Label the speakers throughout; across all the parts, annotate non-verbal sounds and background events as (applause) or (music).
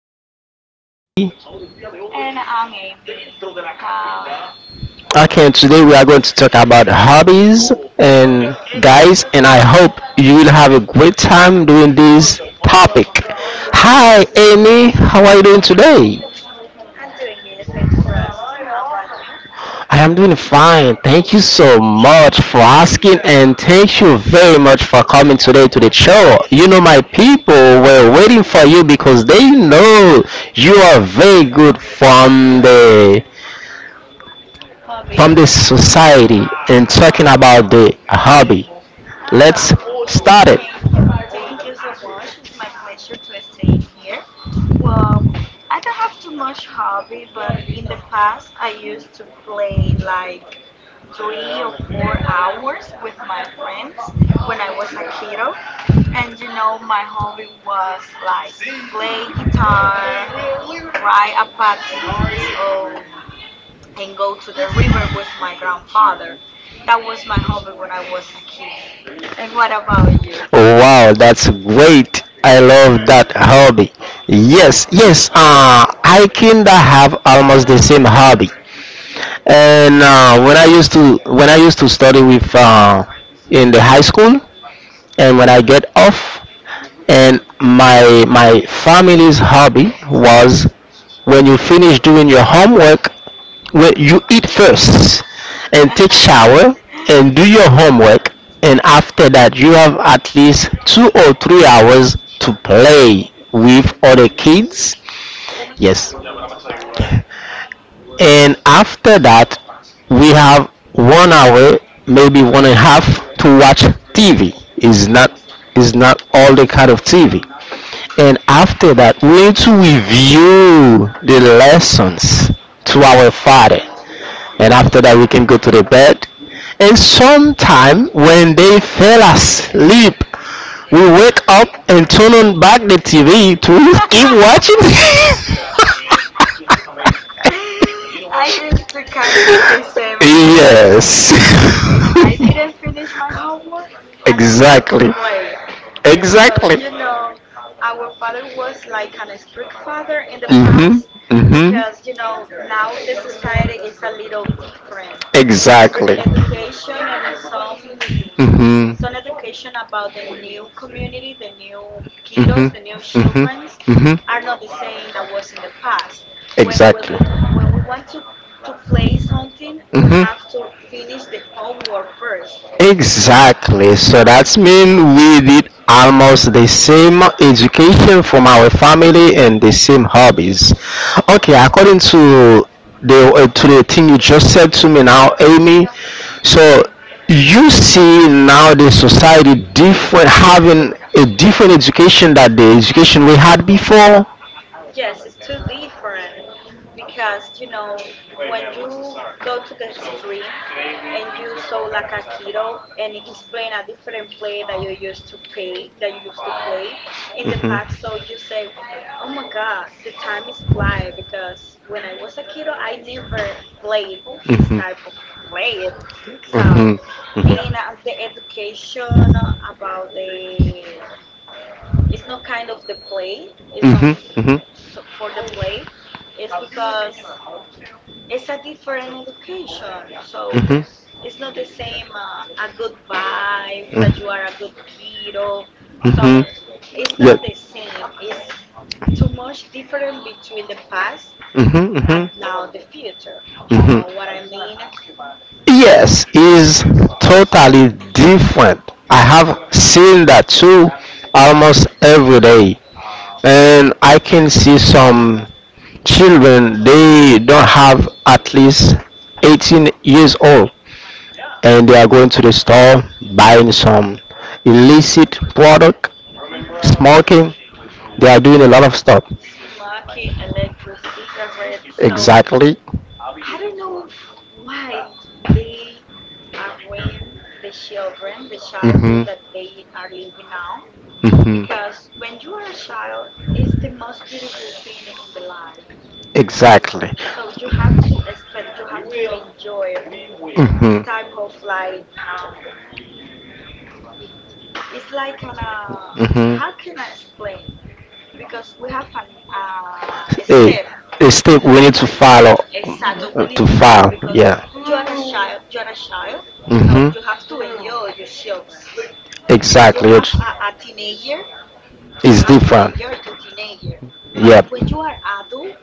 Speaker 1: Mr. Jacoby.
Speaker 2: And I'm Amy. Hi.
Speaker 1: Okay, today we are going to talk about hobbies and guys, and I hope you will have a great time doing this topic. Hi, Amy. How are you doing today?
Speaker 2: I'm doing good. Thanks for asking. How about you?
Speaker 1: I am doing fine. Thank you so much for asking, and thank you very much for coming today to the show. You know, my people were waiting for you because they know you are very good from the
Speaker 2: Hobbies?
Speaker 1: from the society and talking about
Speaker 2: Oh,
Speaker 1: the hobby.
Speaker 2: oh.
Speaker 1: Let's start it.
Speaker 2: Thank you. Thank you so much. It's my pleasure to stay in here. Well, I don't have too much hobby, but in the past, I used to play like 3 or 4 hours with my friends when I was a kiddo. And you know, my hobby was like play guitar, ride a patins or and go to the river with my grandfather. That was my hobby when I was a kid. And what about you?
Speaker 1: Oh, wow, that's great. I love that hobby. Yes, yes, I kinda have almost the same hobby. And when I used to study with in the high school, and when I get off and my family's hobby was, when you finish doing your homework, well, you eat first and take shower and do your homework, and after that you have at least 2 or 3 hours to play with other kids, yes, and after that we have 1 hour, maybe one and a half, to watch TV, is not all the kind of TV, and after that we need to review the lessons to our father, and after that we can go to the bed, and sometime when they fell asleep we wake up and turn on back the TV to (laughs) keep watching. (laughs)
Speaker 2: (laughs) I used to kind of the
Speaker 1: Kind of,
Speaker 2: same hobbies because
Speaker 1: yes. (laughs)
Speaker 2: if I didn't finish my homework, I'm not going to
Speaker 1: Exactly,
Speaker 2: play. So,
Speaker 1: exactly.
Speaker 2: you
Speaker 1: So,
Speaker 2: know, our father was like an strict father in the past
Speaker 1: mm-hmm,
Speaker 2: because,
Speaker 1: mm-hmm.
Speaker 2: you know, now the society is a little different. The
Speaker 1: Exactly.
Speaker 2: education and some
Speaker 1: Mm-hmm.
Speaker 2: some education about the new community, the new kiddos, the new
Speaker 1: Children.
Speaker 2: childrens are not the same that was in the past.
Speaker 1: Mm-hmm.
Speaker 2: When we
Speaker 1: Exactly.
Speaker 2: want to play something, we
Speaker 1: Mhm.
Speaker 2: have to finish the
Speaker 1: You are
Speaker 2: homework first.
Speaker 1: first. Exactly. So that's mean we did almost the same education from our family and the same hobbies. Okay, according to the thing you just said to me now, Amy. So you see now the society different, having a different education than the education we had before.
Speaker 2: Yes,
Speaker 1: Yes, it's
Speaker 2: it's
Speaker 1: too
Speaker 2: too
Speaker 1: different
Speaker 2: different because
Speaker 1: because
Speaker 2: you
Speaker 1: um,
Speaker 2: know when
Speaker 1: when you
Speaker 2: you go to
Speaker 1: you
Speaker 2: the street and
Speaker 1: and
Speaker 2: you
Speaker 1: you
Speaker 2: saw
Speaker 1: saw.
Speaker 2: like a kiddo and it's playing a different play that you used to play that you used to play in the
Speaker 1: Mhm.
Speaker 2: park, so you say, "Oh my God, the time is fly!" Because when I was a kiddo, I never played this
Speaker 1: Mhm.
Speaker 2: type of play. So
Speaker 1: Mhm.
Speaker 2: and the education about the it's not kind of the play. It's not
Speaker 1: Mhm. Mhm.
Speaker 2: so for the play is because it's a different education. So
Speaker 1: Mhm.
Speaker 2: it's not the same a good vibe that you are a
Speaker 1: Mm.
Speaker 2: good kiddo.
Speaker 1: Mhm.
Speaker 2: So it's not the same. It's too much different between the past
Speaker 1: Mhm.
Speaker 2: and
Speaker 1: Mhm.
Speaker 2: now the future. You
Speaker 1: Mhm.
Speaker 2: know what I mean?
Speaker 1: Yes, is totally different. I have seen that too almost every day. And I can see some children, they don't have at least 18 years old, and they are going to the store buying some illicit product,
Speaker 2: Hmm,
Speaker 1: smoking. They are doing a lot of stuff.
Speaker 2: smoky electric cigarettes. So
Speaker 1: Exactly.
Speaker 2: I don't know why they around the children, the childhood
Speaker 1: Mhm.
Speaker 2: that they are living now.
Speaker 1: Mhm.
Speaker 2: Because when you are a child, it's the most beautiful thing in the life.
Speaker 1: Exactly.
Speaker 2: So you have to expect, you have to enjoy this
Speaker 1: Mhm.
Speaker 2: type of like, it's like kind of.
Speaker 1: Mhm.
Speaker 2: How can I explain you? Because we have a step,
Speaker 1: Hey, it's still
Speaker 2: we
Speaker 1: we
Speaker 2: have
Speaker 1: need
Speaker 2: an
Speaker 1: to
Speaker 2: step,
Speaker 1: follow.
Speaker 2: exacto, we need to follow because you are a child, you are a child,
Speaker 1: No.
Speaker 2: so
Speaker 1: Mhm.
Speaker 2: you have to enjoy your children. When you
Speaker 1: Exactly.
Speaker 2: have a teenager, you have to enjoy your teenager. But when you are adult,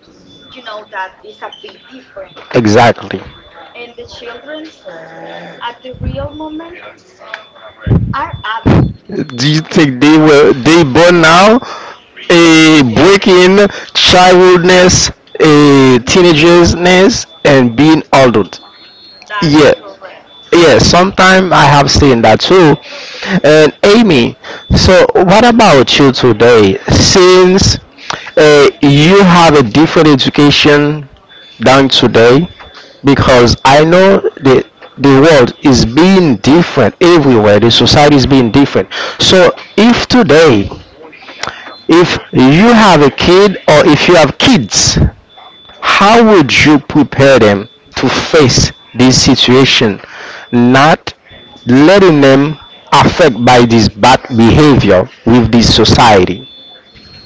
Speaker 2: you know that is a bit different.
Speaker 1: Exactly.
Speaker 2: And the childrens at the real moment are adult.
Speaker 1: Do you think they were they born now
Speaker 2: Yes. (laughs)
Speaker 1: a breaking childness, a
Speaker 2: Hmm.
Speaker 1: teenagersness, and being adult?
Speaker 2: That's
Speaker 1: Yeah,
Speaker 2: correct.
Speaker 1: yeah. Sometimes I have seen that too. And Amy, so what about you today? Since you have a different education than today, because I know the world is being different everywhere. The
Speaker 2: Hmm.
Speaker 1: society is being different. So if today, if you have a kid or if you have kids, how would you prepare them to face this situation? Not letting them affect by this bad behavior with this society.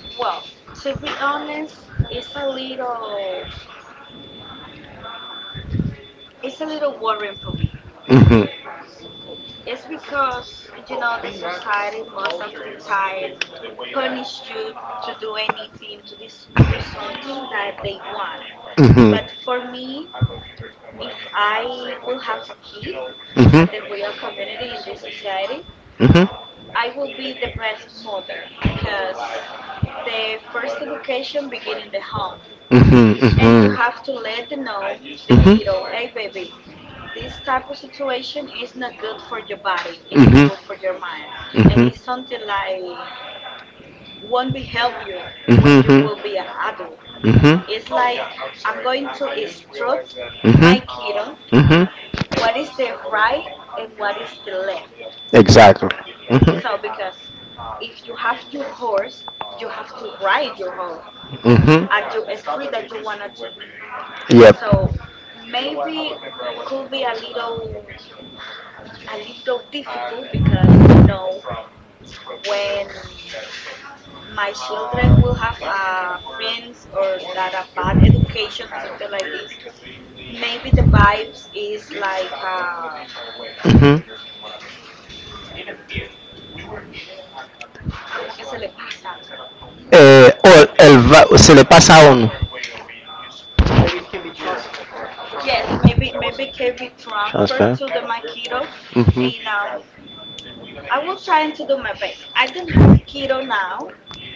Speaker 2: Well, to be honest, it's a little it's a little worrying for me.
Speaker 1: Mhm.
Speaker 2: It's because, you know, the society most of the time punish you to do anything, to this to do something that they want.
Speaker 1: Mhm.
Speaker 2: But for me, if I will have a kid at the real
Speaker 1: Mhm.
Speaker 2: community in this society,
Speaker 1: Mhm.
Speaker 2: I will be the best mother because the first education begin in the home.
Speaker 1: Mhm. And you.
Speaker 2: And you
Speaker 1: Mhm.
Speaker 2: have to let the know the kiddo, hey
Speaker 1: Mhm.
Speaker 2: baby, this type of situation is not good for your body, it's not good for your
Speaker 1: Mhm.
Speaker 2: mind, and
Speaker 1: Mhm.
Speaker 2: it's something like won't be help you when
Speaker 1: Mhm.
Speaker 2: you
Speaker 1: Mhm.
Speaker 2: will be an adult.
Speaker 1: Mhm.
Speaker 2: It's like I'm going to instruct my
Speaker 1: Mhm.
Speaker 2: kiddo
Speaker 1: Mhm.
Speaker 2: what is the right and what is the left,
Speaker 1: Exactly. Mhm.
Speaker 2: so because if you have your horse you have to ride your horse
Speaker 1: Mhm.
Speaker 2: at your street that you wanted to be. So maybe could be a little difficult because you know when my children will have friends or that a bad education or something like this, maybe the vibes is like
Speaker 1: Mhm. Eh, o el va- se le pasa a uno.
Speaker 2: yes, maybe maybe can be transferred to the my kiddo, and I will try to do my best. I don't have kiddo now,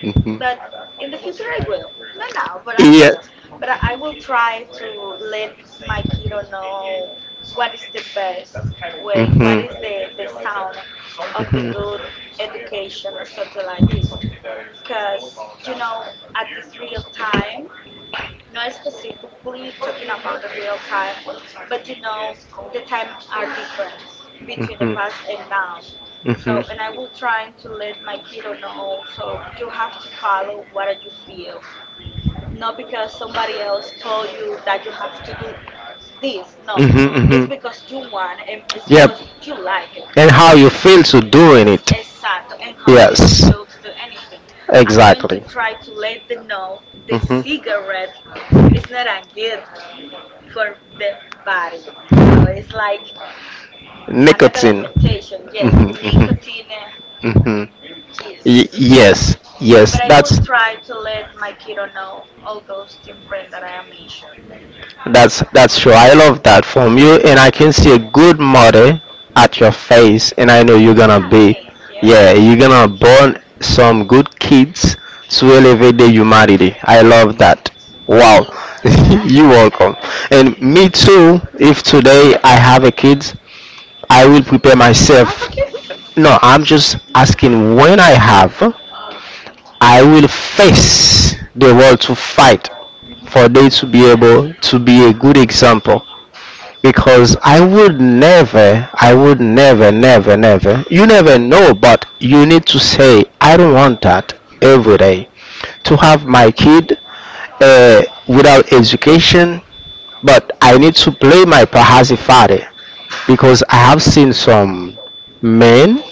Speaker 1: Ujú.
Speaker 2: but in the future I will. No, no, but I will. But I will try to let my kiddo know what is the best way, what is the sound of the good education or something like this. Cause you know, at this real time, not specifically talking about the real time, but you know, the time are difference between the past and now. So,
Speaker 1: So,
Speaker 2: and I will try to let my kiddo know. So you have to follow what you feel, not because somebody else told you that you have to do this. No, it's
Speaker 1: mhm,
Speaker 2: because you want and it's because you like it.
Speaker 1: and how you feel to doing it.
Speaker 2: Exacto. And how do you feel to do anything?
Speaker 1: I'm
Speaker 2: I'm going to
Speaker 1: exactly.
Speaker 2: try to let them know the cigarette is not a for the body. So it's like (laughs) another
Speaker 1: Nicotine.
Speaker 2: limitation. Yes, the
Speaker 1: Mhm, mhm.
Speaker 2: nicotine,
Speaker 1: Hmm.
Speaker 2: Jesus.
Speaker 1: Yes,
Speaker 2: But
Speaker 1: yes,
Speaker 2: I will
Speaker 1: that's
Speaker 2: try to let my kiddo know all those different that I have mentioned.
Speaker 1: that's that's true. I love that from you, and I can see a good mother at your face, and I know you're gonna,
Speaker 2: Ah,
Speaker 1: ah, be, thank
Speaker 2: thank you.
Speaker 1: you. Yeah, you're gonna born some good kids to elevate the humanity. I love that. Wow.
Speaker 2: Thank
Speaker 1: (laughs)
Speaker 2: you.
Speaker 1: You're welcome. And me too. If today I have a kid, I will prepare
Speaker 2: Do you have a
Speaker 1: myself.
Speaker 2: kid?
Speaker 1: No, I'm just asking, when I have,
Speaker 2: Okay.
Speaker 1: I will face the world to fight
Speaker 2: Mhm.
Speaker 1: for they to be able to be a good example. Because I would never, never, never, you never know, but you need to say, I don't want that every day. To have my kid, uh, without education, but I need to play my Pahazi father, because I have seen some men,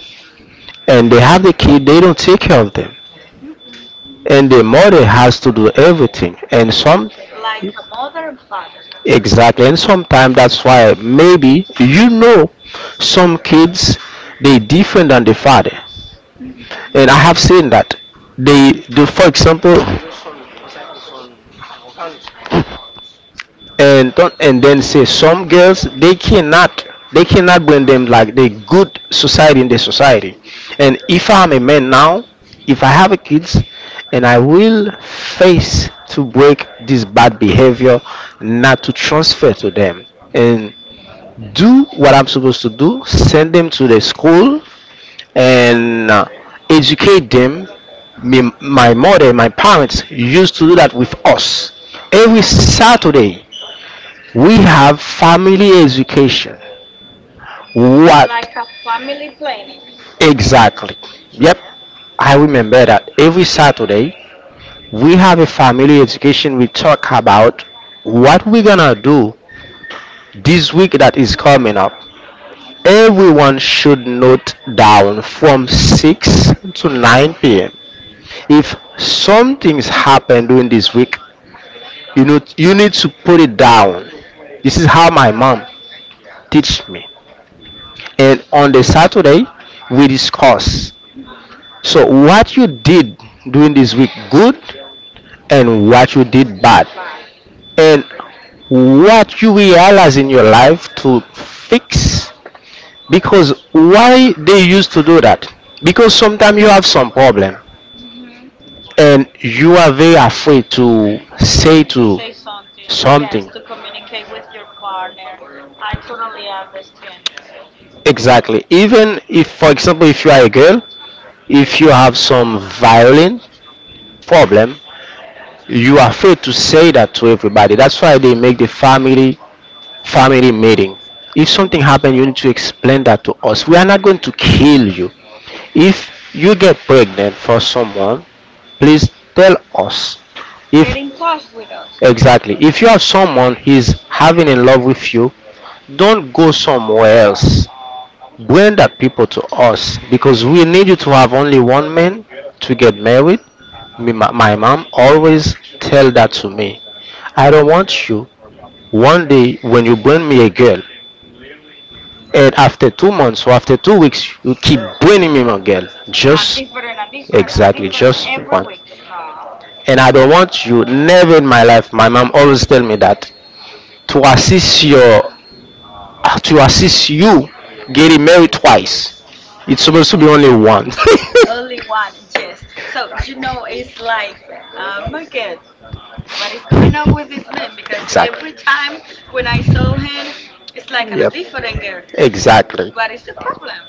Speaker 1: and they have the kid, they don't take care of them.
Speaker 2: Mm-mm.
Speaker 1: And the mother has to do everything. And some,
Speaker 2: Everything like a mother and father.
Speaker 1: exactly, and sometimes that's why maybe some kids they different than the father.
Speaker 2: Mhm.
Speaker 1: And I have seen that they, do. For example, and don't, and then say some girls they cannot bring them like the good society in the society, and if I'm a man now, if I have a kids, and I will face to break this bad behavior, not to transfer to them, and
Speaker 2: Mhm.
Speaker 1: do what I'm supposed to do, send them to the school, and educate them. Me, my parents used to do that with us every
Speaker 2: Exactly.
Speaker 1: Saturday. We have family education. What?
Speaker 2: Like a family planning.
Speaker 1: Exactly. Yep,
Speaker 2: Yes.
Speaker 1: I remember that every Saturday we have a family education. We talk about what we're gonna do this week that is coming up.
Speaker 2: Mm.
Speaker 1: Everyone should note down from 6 to 9 p.m. If some things happen during this week, you know you need to put it down. This is how my mom teach me. And on the Saturday we discuss.
Speaker 2: Hmm.
Speaker 1: So what you did during this week good and what you
Speaker 2: What
Speaker 1: did
Speaker 2: is the
Speaker 1: bad
Speaker 2: bad?
Speaker 1: and what you realize in your life to fix, because why they used to do that, because sometimes you have some problem
Speaker 2: Hmm.
Speaker 1: and you are very afraid to say to
Speaker 2: Say something. Yes,
Speaker 1: something.
Speaker 2: to communicate with your partner. I totally understand.
Speaker 1: Exactly. Even if, for example, if you are a girl, if you have some violent problem, you are afraid to say that to everybody. That's why they make the family meeting. If something
Speaker 2: Hmm.
Speaker 1: happens, you need to explain that to us, we are not going to kill you. If you get pregnant for someone, please tell us. Get if
Speaker 2: Get in
Speaker 1: get
Speaker 2: touch with us.
Speaker 1: exactly, if you have someone he's having in love with you, don't go somewhere else, bring that people to us because we need you to have only one man to get married. Me, my mom always tell that to me. I don't want you one day when you bring me a girl, and after 2 months or after 2 weeks, you keep bringing me my girl.
Speaker 2: A
Speaker 1: Just
Speaker 2: different, a different, a
Speaker 1: exactly,
Speaker 2: different
Speaker 1: just
Speaker 2: every
Speaker 1: one.
Speaker 2: week. No.
Speaker 1: And I don't want you never in my life. My mom always tell me that to assist your to assist you getting married twice. It's supposed to be only one.
Speaker 2: (laughs)
Speaker 1: (laughs)
Speaker 2: Only one, yes. So, you know, it's like, oh my God, what is going on with this man? Because every time when I saw him, it's like on a different girl.
Speaker 1: Exactly.
Speaker 2: What is the problem?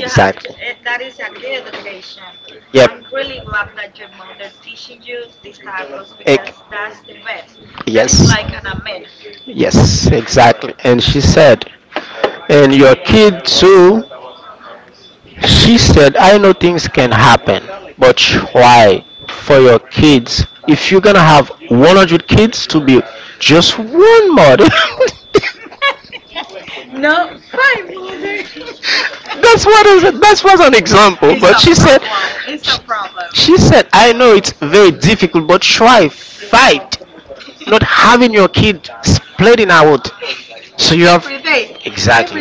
Speaker 2: You have to, eh, that is a good education. I'm really glad that your mother teaching you these types because
Speaker 1: Ex-
Speaker 2: that's the best.
Speaker 1: That
Speaker 2: That is
Speaker 1: is.
Speaker 2: like an amen.
Speaker 1: Yes, exactly. And she said, and your kid too, she said, I know things can happen, but why for your kids? If you're gonna have 100 kids to be just one mother. (laughs)
Speaker 2: (laughs) No, fine, mother. (laughs)
Speaker 1: That's what is, that was an example,
Speaker 2: It's
Speaker 1: but
Speaker 2: a
Speaker 1: she said
Speaker 2: problem. It's a problem.
Speaker 1: she said, I know it's very difficult, but try fight not having your kid splitting out. So you have.
Speaker 2: Every day,
Speaker 1: Exactly.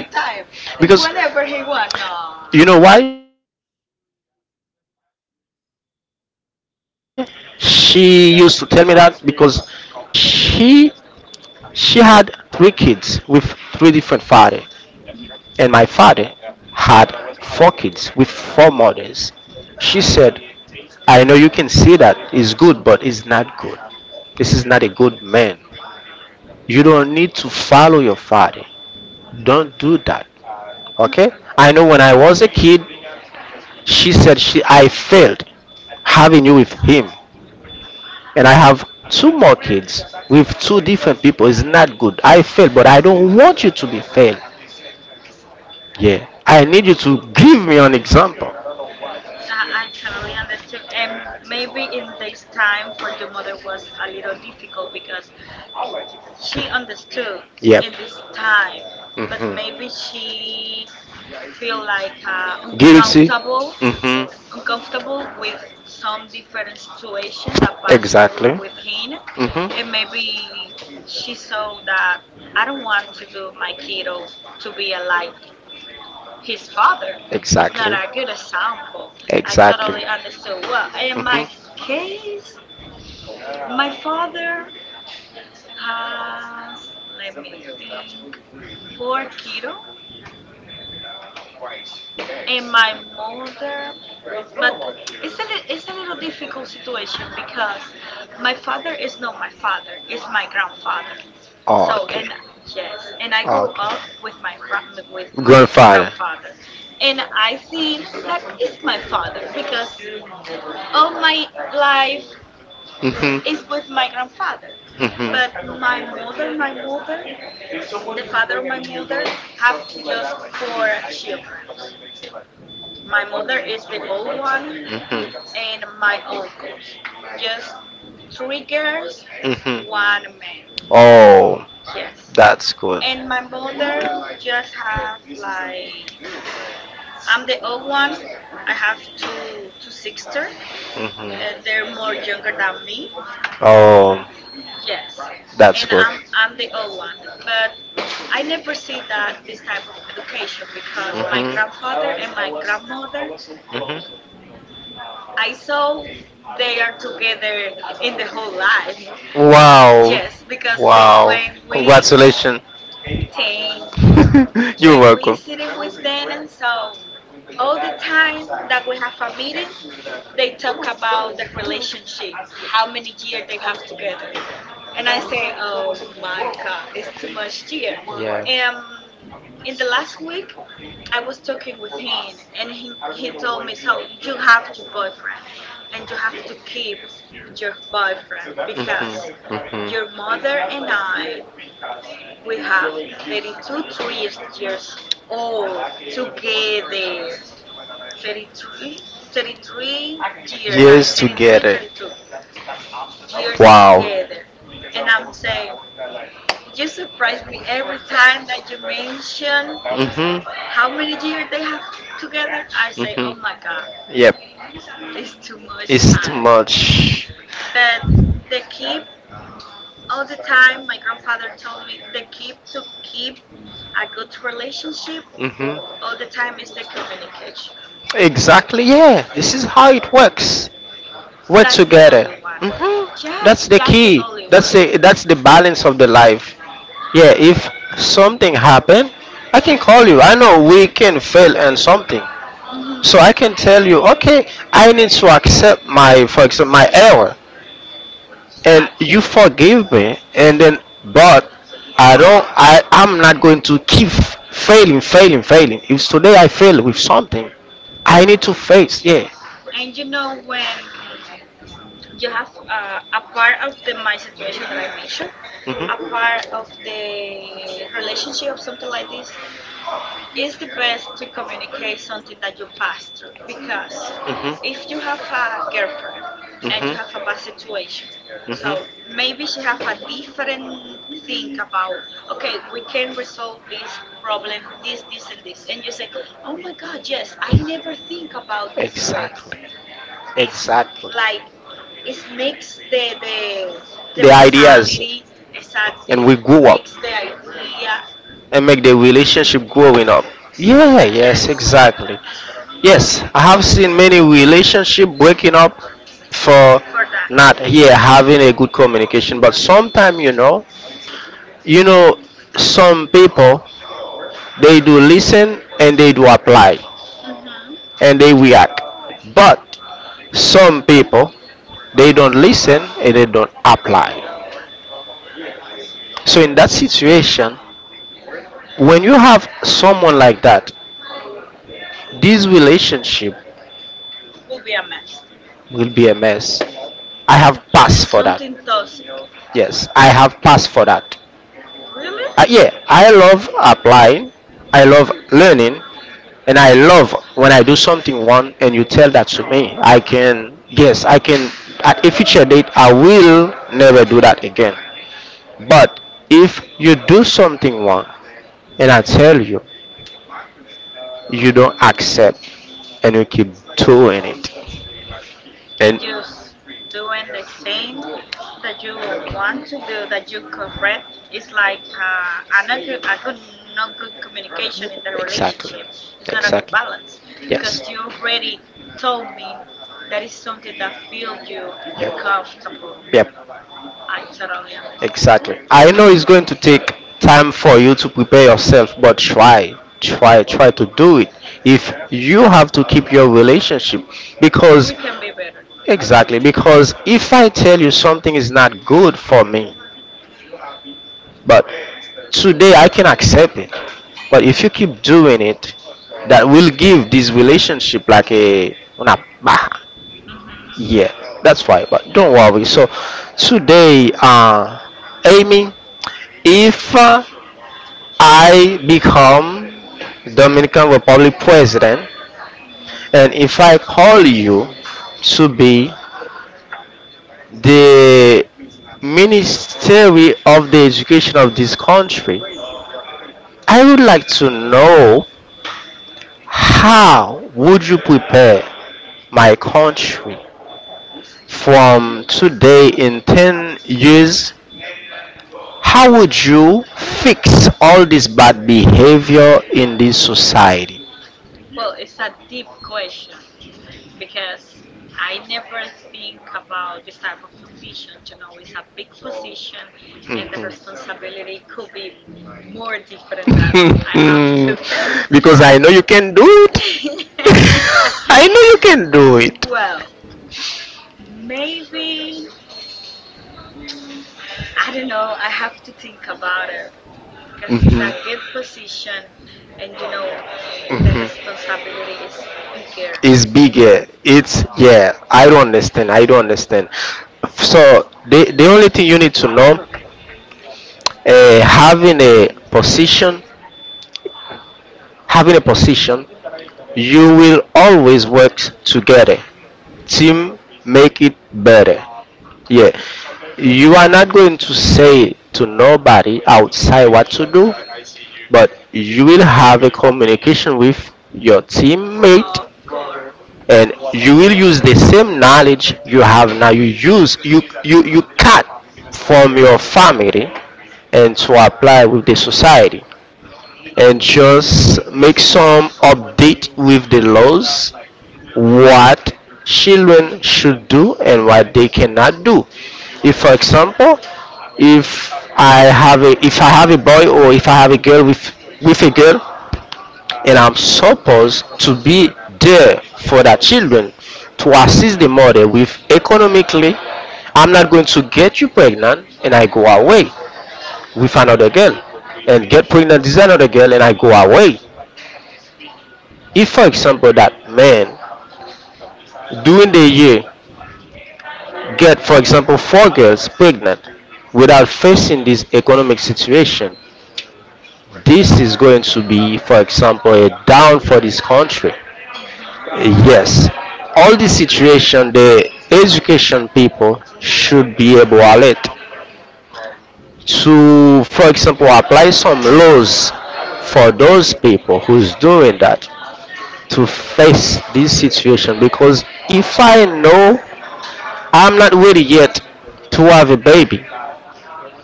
Speaker 1: Exactly,
Speaker 2: time, eh,
Speaker 1: because
Speaker 2: whenever he want. No.
Speaker 1: you know why she used to tell me that. Because She she had three kids with three different fathers,
Speaker 2: Mhm,
Speaker 1: and my father
Speaker 2: mhm,
Speaker 1: had four kids with four mothers. She said, "I know you can see that is good, but it's not good. This is not a good man. You don't need to follow your father. Don't do that." Okay?
Speaker 2: mm-mm.
Speaker 1: I know when I was a kid, she said she I failed having you with him. And I have two more kids with two different people. It's not good. I fail, but I don't want you to be failed. Yeah, I need you to give me an example.
Speaker 2: I totally understood. And maybe in this time for your mother was a little difficult because she understood
Speaker 1: Understood. Yep.
Speaker 2: in this time, but maybe
Speaker 1: Mhm.
Speaker 2: she feel like
Speaker 1: Guilty.
Speaker 2: uncomfortable,
Speaker 1: Mhm.
Speaker 2: uncomfortable with some different situation that passed through
Speaker 1: Exactly.
Speaker 2: with him, and
Speaker 1: Mhm.
Speaker 2: maybe she saw that I don't want to do my kiddo to be a, like his father. It's
Speaker 1: Exactly.
Speaker 2: not a good example. I totally
Speaker 1: Exactly.
Speaker 2: understood. Well, in my
Speaker 1: Mhm.
Speaker 2: case, my father has, let me think, four kiddos and my mother. But it's a it's a little difficult situation because my father is not my father, it's my grandfather. So and yes, and I grew up with my with my grandfather, and I think that is my father because all my life
Speaker 1: Mhm.
Speaker 2: is with my grandfather.
Speaker 1: Mhm.
Speaker 2: But my mother, the father of my mother, have just four children. My mother is the old one
Speaker 1: Mhm.
Speaker 2: and my uncles. Just three girls,
Speaker 1: Mhm.
Speaker 2: one man.
Speaker 1: Oh.
Speaker 2: Yes.
Speaker 1: That's good.
Speaker 2: And my mother just have like, I'm the old one. I have two sisters, and they're
Speaker 1: Hmm.
Speaker 2: more younger than me.
Speaker 1: Oh,
Speaker 2: Yes. And I'm the old one. But I never see that this type of education because my grandfather and my grandmother,
Speaker 1: hmm.
Speaker 2: I saw they are together in the whole life because
Speaker 1: Wow.
Speaker 2: yes, because they, when we,
Speaker 1: Congratulations.
Speaker 2: thank you,
Speaker 1: (laughs) You're
Speaker 2: when
Speaker 1: when.
Speaker 2: we sitting with them, so all the time that we have a meeting, they talk about the relationship, how many years they have together, and I say, oh my God, it's too much year. Um, in the last week, I was talking with him, and he told me, so you have your boyfriend, and you have to keep your boyfriend because your mother and I we have 32 3 years old together. 33, 33-year like 33, 32 years together, and I'm saying you surprise me every time that you mention
Speaker 1: Mm-hmm.
Speaker 2: how many years they have together. I say, oh
Speaker 1: Mhm.
Speaker 2: my God,
Speaker 1: Yep.
Speaker 2: it's too much
Speaker 1: It's
Speaker 2: time.
Speaker 1: too much.
Speaker 2: But the keep all the time, my grandfather told me the key to keep a good relationship
Speaker 1: Hmm.
Speaker 2: all the time is the communication.
Speaker 1: Exactly. Yeah. This is how it works. We're
Speaker 2: That's the
Speaker 1: together.
Speaker 2: only one.
Speaker 1: Hmm.
Speaker 2: Yeah,
Speaker 1: That's the
Speaker 2: that's
Speaker 1: key.
Speaker 2: the only one.
Speaker 1: That's the balance of the life. Yeah. If something happen, I can call you. I know we can fail and something, so
Speaker 2: Hmm.
Speaker 1: I can tell you. Okay, I need to accept my, for example, my error. And
Speaker 2: Exactly.
Speaker 1: you forgive me and then, but I don't I I'm not going to keep failing, failing, failing. If today I fail with something,
Speaker 2: And
Speaker 1: I need to face.
Speaker 2: yes,
Speaker 1: Yeah.
Speaker 2: and you know when you have a part of the my situation that I mentioned, a part of the relationship or something like this, it's the best to communicate something that you pass through because if you have a girlfriend and you have a bad situation, so
Speaker 1: Mhm.
Speaker 2: maybe she have a different think about okay we can resolve this problem, this
Speaker 1: This,
Speaker 2: this and this,
Speaker 1: this, this.
Speaker 2: and you say oh my God, yes I
Speaker 1: I never
Speaker 2: never think about
Speaker 1: thought this.
Speaker 2: this way.
Speaker 1: Exactly. Was.
Speaker 2: It's
Speaker 1: Exactly. Like,
Speaker 2: like
Speaker 1: it
Speaker 2: it's mix
Speaker 1: makes the.
Speaker 2: the the
Speaker 1: The
Speaker 2: the
Speaker 1: the ideas,
Speaker 2: mentality,
Speaker 1: exactly, and
Speaker 2: exactly,
Speaker 1: we grew up,
Speaker 2: mix the idea,
Speaker 1: yeah, and make the relationship growing up. Yeah,
Speaker 2: yes,
Speaker 1: yes, exactly. Yes, I have seen many relationship breaking up For
Speaker 2: for
Speaker 1: that.
Speaker 2: that.
Speaker 1: Not here having a good communication. But sometimes, you know, some people they do listen and they do apply.
Speaker 2: Hmm,
Speaker 1: And they react. But some people they don't listen and they don't apply. So in that situation, when you have someone like that, this relationship
Speaker 2: will be a mess.
Speaker 1: will be a mess. I
Speaker 2: and
Speaker 1: have
Speaker 2: and
Speaker 1: passed for that.
Speaker 2: something toxic,
Speaker 1: Yes, I have passed for that.
Speaker 2: really.
Speaker 1: Yeah, I love applying, I love learning, and I love when I do something one and you tell that to me. I can, yes, I can, at a future date, I will never do that again. But if you do something wrong and I tell you, you don't accept and you keep doing it.
Speaker 2: And
Speaker 1: And
Speaker 2: just doing the thing that you don't want to do that you correct is like a good not good communication in the relationship, it's not a good
Speaker 1: exactly.
Speaker 2: balance because you already told me that is something that feel you uncomfortable.
Speaker 1: Yep.
Speaker 2: I totally understand.
Speaker 1: Exactly. I know it's going to take time for you to prepare yourself, but try to do it. If you have to keep your relationship, because
Speaker 2: We can be better.
Speaker 1: exactly, because if I tell you something is not good for me, but today I can accept it, but if you keep doing it, that will give this relationship like a una bah. Yeah,
Speaker 2: Hmm.
Speaker 1: that's why. But don't worry. So today, Amy. If I become Dominican Republic president, and if I call you to be the ministry of the education of this country, I would like to know how would you prepare my country from today in 10 years? How would you fix all this bad behavior in this society?
Speaker 2: Well, it's a deep question because I never think about this type of position. You know, it's a big position, and the responsibility could be more different than I have today.
Speaker 1: (laughs) Because I know you can do it.
Speaker 2: (laughs)
Speaker 1: (laughs) I know you can do it.
Speaker 2: Well, maybe, I don't know, I have to think about it because it's
Speaker 1: Mhm.
Speaker 2: a good position, and you know, the
Speaker 1: Mhm.
Speaker 2: responsibility is bigger,
Speaker 1: It's bigger. It's yeah. I don't understand. I don't understand. So the only thing you need to know, uh, having a position having a position, you will always work together, team, make it better, yeah. You are not going to say to nobody outside what to do, but you will have a communication with your teammate,
Speaker 2: of course.
Speaker 1: and you will use the same knowledge you have now. You use you cut from your family and to apply with the society, and just make some update with the laws, what children should do and what they cannot do. If for example, if I have a boy, or if I have a girl with a girl, and I'm supposed to be there for the children, to assist the mother with economically. I'm not going to get you pregnant and I go away with another girl and get pregnant with another girl and I go away. If for example that man during the year get for example four girls pregnant without facing this economic situation. Right. This is going to be for example a down for this country,
Speaker 2: Hmm.
Speaker 1: yes. All this situation, the education people should be able to alert, to for example apply some laws for those people who's doing that, to face this situation. Because if I know I'm not ready yet to have a baby,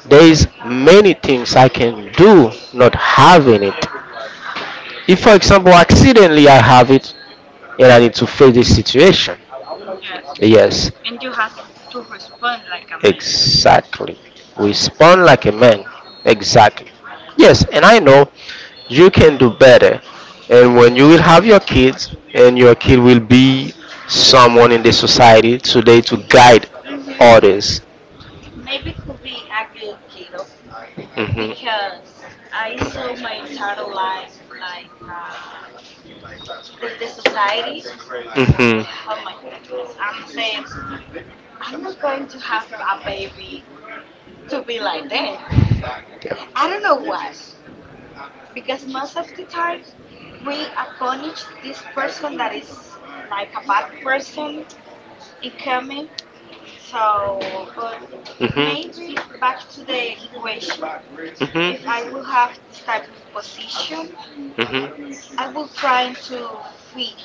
Speaker 1: there's many things I can do not having it. If for example accidentally I have it, and I need to face this situation.
Speaker 2: Yes.
Speaker 1: Yes. Yes.
Speaker 2: And you have to respond like a man.
Speaker 1: Exactly. Respond like a man. Exactly. Yes, and I know you can do better. And when you will have your kids, and your kid will be someone in the society today to guide, hmm,
Speaker 2: Hmm.
Speaker 1: others.
Speaker 2: Maybe could be a good keto
Speaker 1: Mhm.
Speaker 2: because I saw my entire life like the society.
Speaker 1: Mhm.
Speaker 2: Oh my goodness. I'm saying I'm not going to have a baby to be like them. I don't know why. Because most of the time we punish this person that is like a bad person in coming. So, but
Speaker 1: Mhm.
Speaker 2: maybe back to the equation. If
Speaker 1: Mhm.
Speaker 2: I will have this type of position, I
Speaker 1: Mhm.
Speaker 2: will try to fit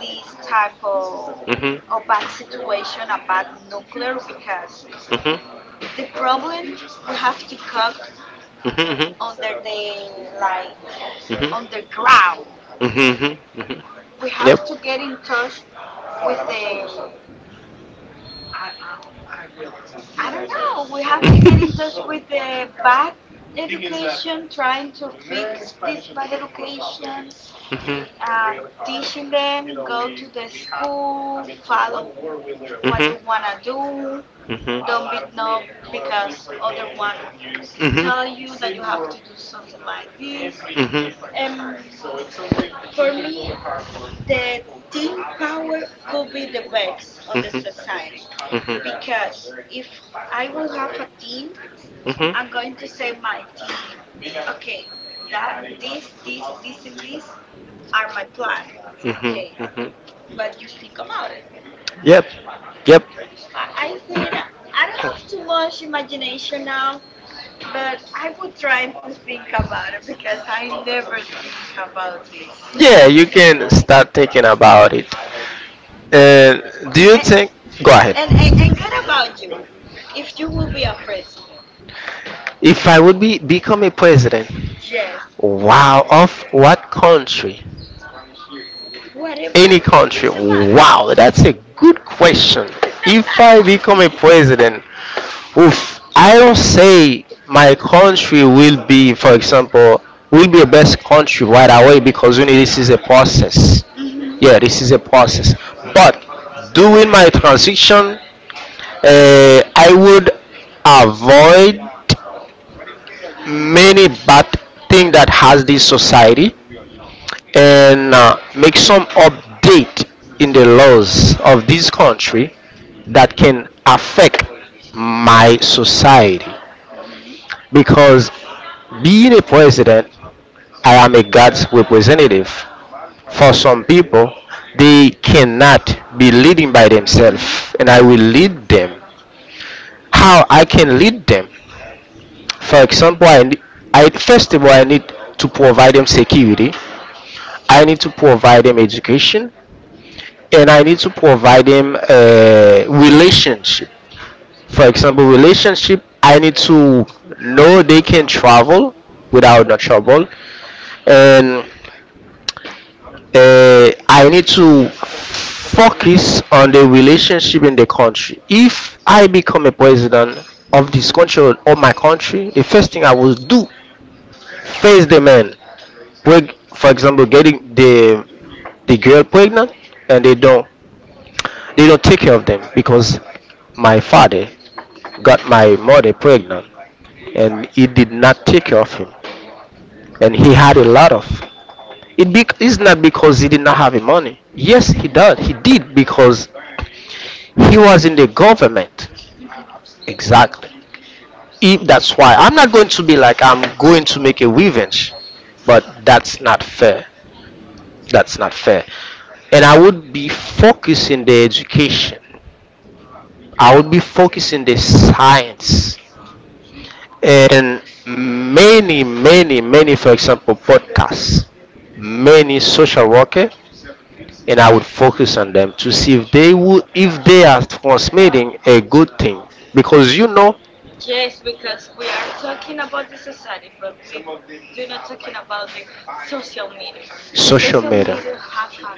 Speaker 2: this type of,
Speaker 1: Mhm.
Speaker 2: of bad situation, a bad nuclear, because
Speaker 1: Mhm.
Speaker 2: the problem we have to cook
Speaker 1: Mhm.
Speaker 2: under the like
Speaker 1: Mhm.
Speaker 2: underground.
Speaker 1: Mhm. Mhm.
Speaker 2: We have to get in touch with the, I don't know. We have to get in touch with the bad education, trying to fix this bad education,
Speaker 1: Mhm.
Speaker 2: uh, teaching them, go to the school, follow what you want to
Speaker 1: Want.
Speaker 2: do.
Speaker 1: Mhm.
Speaker 2: Don't be no because other one tell you
Speaker 1: Mhm.
Speaker 2: that you have to do something like this.
Speaker 1: Mhm.
Speaker 2: um for me, the team power could be the best on the
Speaker 1: Mm-hmm.
Speaker 2: society
Speaker 1: Mhm.
Speaker 2: because
Speaker 1: Mhm.
Speaker 2: if I will have a team,
Speaker 1: Mhm.
Speaker 2: I'm going to say my team, okay, that this and this are my planet. Okay,
Speaker 1: Mhm. Mhm.
Speaker 2: what you think about it?
Speaker 1: Yep. Yep.
Speaker 2: I think I don't have too much imagination now, but I would try to think about it because I never think about this.
Speaker 1: Yeah, you can start thinking about it. And do you and,
Speaker 2: And
Speaker 1: think? Go ahead.
Speaker 2: and what about you? If you will be a president,
Speaker 1: If I would be become a president,
Speaker 2: yes,
Speaker 1: wow, of what country?
Speaker 2: whatever,
Speaker 1: Any
Speaker 2: it
Speaker 1: country?
Speaker 2: doesn't matter.
Speaker 1: Wow, that's a good question. (laughs) If I become a president, oof. I don't say my country will be, for example, will be the best country right away, because you know this is a process.
Speaker 2: Mhm.
Speaker 1: Yeah, this is a process. But during my transition, I would avoid many bad thing that has this society, and make some update in the laws of this country that can affect my society.
Speaker 2: Mhm.
Speaker 1: Because being a president, I am a God's representative. For some people, they cannot be leading by
Speaker 2: Mhm.
Speaker 1: themselves, and I will lead them. How I can lead them? For example, I first of all I need to provide them security. I need to provide them education, and I need to provide them a relationship. For example, relationship. I need to know they can travel without no trouble, and I need to focus on the relationship in the country. If I become a president of this country or my country, the first thing I will do, face the man. For example, getting the girl pregnant, and they don't take care of them, because my father got my mother pregnant, and he did not take care of him, and he had a lot of. It's not because he did not have the money. Yes, he
Speaker 2: Mhm.
Speaker 1: did. He did, because he was in the government.
Speaker 2: Mhm.
Speaker 1: Exactly. If that's why I'm not going to be like I'm going to make a revenge,
Speaker 2: Mhm.
Speaker 1: but that's not fair. That's not fair. And I would be focusing the education. I would be focusing the science, and many, many, many, for example, podcasts, many social worker, and I would focus on them to see if they would, if they are transmitting a good thing, because you know,
Speaker 2: Yes, because we are talking about the society, but we do not talking about the social media. The
Speaker 1: social
Speaker 2: social
Speaker 1: media.
Speaker 2: media have a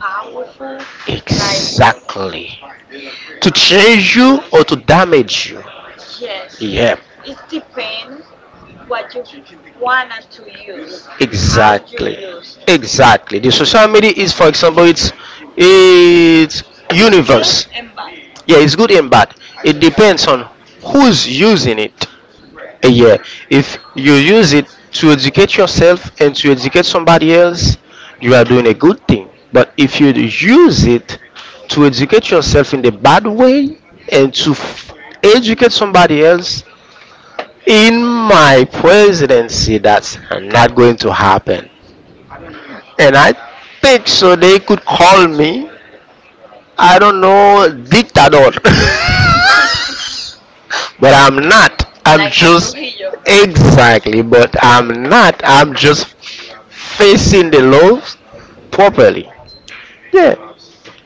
Speaker 2: powerful, like,
Speaker 1: Exactly. To
Speaker 2: oh my
Speaker 1: change you
Speaker 2: God.
Speaker 1: or to damage you.
Speaker 2: Yes,
Speaker 1: Yeah.
Speaker 2: it depends what you wanna to use, how you
Speaker 1: Exactly.
Speaker 2: use it.
Speaker 1: Exactly. The social media is, for example, it's
Speaker 2: It's good
Speaker 1: universe.
Speaker 2: and bad,
Speaker 1: Yeah, it's good and bad. It depends on who's using it. Eh, yeah. If you use it to educate yourself and to educate somebody else, you are doing a good thing. But if you use it to educate yourself in the bad way, and to educate somebody else, in my presidency that's not going to happen. And I think so, they could call me, I don't know, dictator. (laughs) But I'm not, I'm
Speaker 2: like a
Speaker 1: just
Speaker 2: Trujillo.
Speaker 1: exactly, but I'm not, I'm just facing the laws
Speaker 2: Mhm.
Speaker 1: properly. Yeah,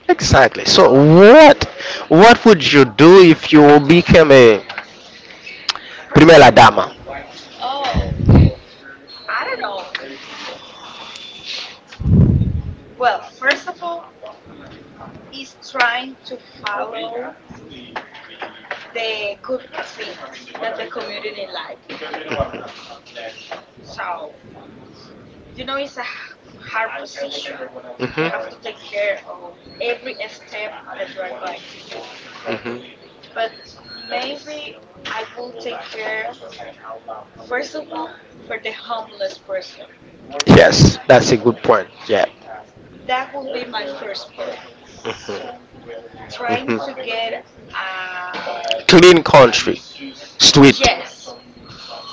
Speaker 1: exactly. So
Speaker 2: Could be
Speaker 1: what would you do if you became a primera
Speaker 2: president.
Speaker 1: dama?
Speaker 2: Oh, I don't know. Well, first of all, is trying to follow the good things that the community like. So, you know, it's a hard position. You have to
Speaker 1: Mhm.
Speaker 2: take care of every step that you are going to do.
Speaker 1: Mhm.
Speaker 2: But maybe I will take care, first of all, for the homeless person.
Speaker 1: Yes, that's a good point. Yeah.
Speaker 2: That will be my first point.
Speaker 1: Trying
Speaker 2: Trying
Speaker 1: to
Speaker 2: to get a,
Speaker 1: clean country, street.
Speaker 2: yes,
Speaker 1: Yes.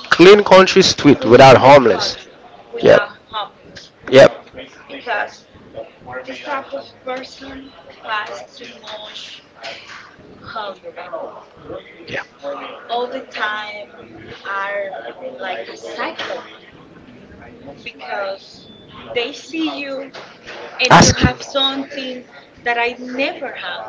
Speaker 1: Clean country, street without
Speaker 2: clean the
Speaker 1: homeless.
Speaker 2: country
Speaker 1: Without. Yep.
Speaker 2: without homeless
Speaker 1: Yeah.
Speaker 2: because this type of person pass too much hungry
Speaker 1: Yep. Yeah.
Speaker 2: all the time, are like a psychopath because they see you and you
Speaker 1: Ask- you.
Speaker 2: have something that I never have.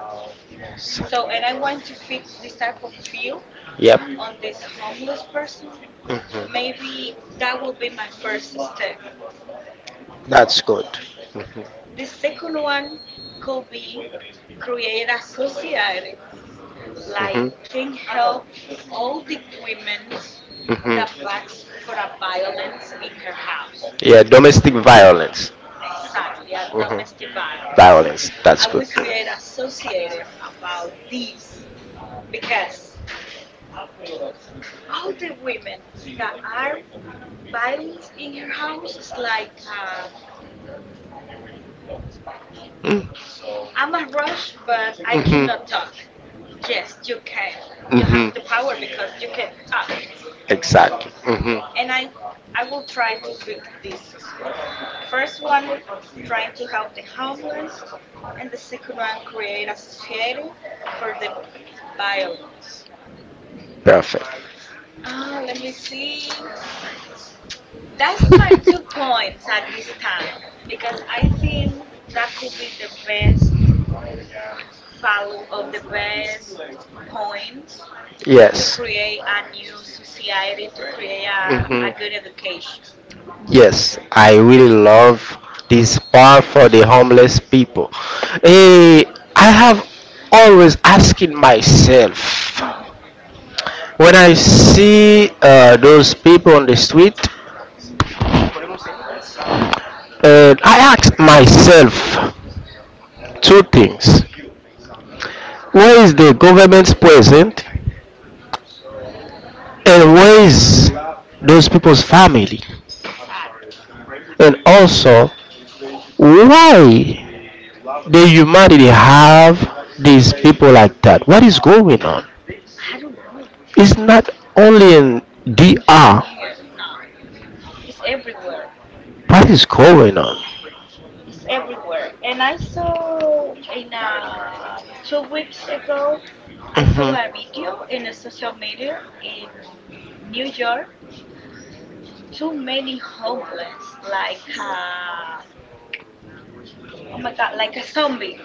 Speaker 2: So and I want to fix this type of feel
Speaker 1: Yep.
Speaker 2: on this homeless person.
Speaker 1: Mhm.
Speaker 2: Maybe that will be my first step.
Speaker 1: That's good. Mm-hmm.
Speaker 2: The second one could be create a society like can
Speaker 1: Mhm.
Speaker 2: help all the women that
Speaker 1: Mhm.
Speaker 2: backs for a violence in her house.
Speaker 1: Yeah. Domestic violence.
Speaker 2: Exactly, a domestic
Speaker 1: Mhm. Violence.
Speaker 2: violence.
Speaker 1: Violence.
Speaker 2: I
Speaker 1: That's.
Speaker 2: will create associated about this because all the women that are violence in her house is like,
Speaker 1: Mm.
Speaker 2: I'm a rush, but I cannot
Speaker 1: Mhm.
Speaker 2: talk. Yes, you can. You have
Speaker 1: Mhm.
Speaker 2: the power because you can talk.
Speaker 1: Exactly. Mhm.
Speaker 2: And I will try to fix this as well. First one, trying to help the homeless, and the second one, create a society for the violence.
Speaker 1: Perfect.
Speaker 2: Ah, let me see. That's my two
Speaker 1: (laughs)
Speaker 2: points at this time because I think that could be the best follow of the best points
Speaker 1: To
Speaker 2: to
Speaker 1: yes.
Speaker 2: create a new society, to create a
Speaker 1: Mhm.
Speaker 2: good education.
Speaker 1: Yes, I really love this part for the homeless people. Eh, I have always asking myself, when I see those people on the street, I asked myself two things: where is the government's present, and where is those people's family,
Speaker 2: Sadly.
Speaker 1: and also why the humanity have these people like that? What is going on?
Speaker 2: I don't know.
Speaker 1: It's not only in
Speaker 2: In in
Speaker 1: DR.
Speaker 2: here, nah. It's everywhere.
Speaker 1: What is going on?
Speaker 2: It's everywhere. And I saw in, 2 weeks ago, I saw a
Speaker 1: Mhm.
Speaker 2: video in the social media in New York. Too many homeless, like, oh my god, like a zombie.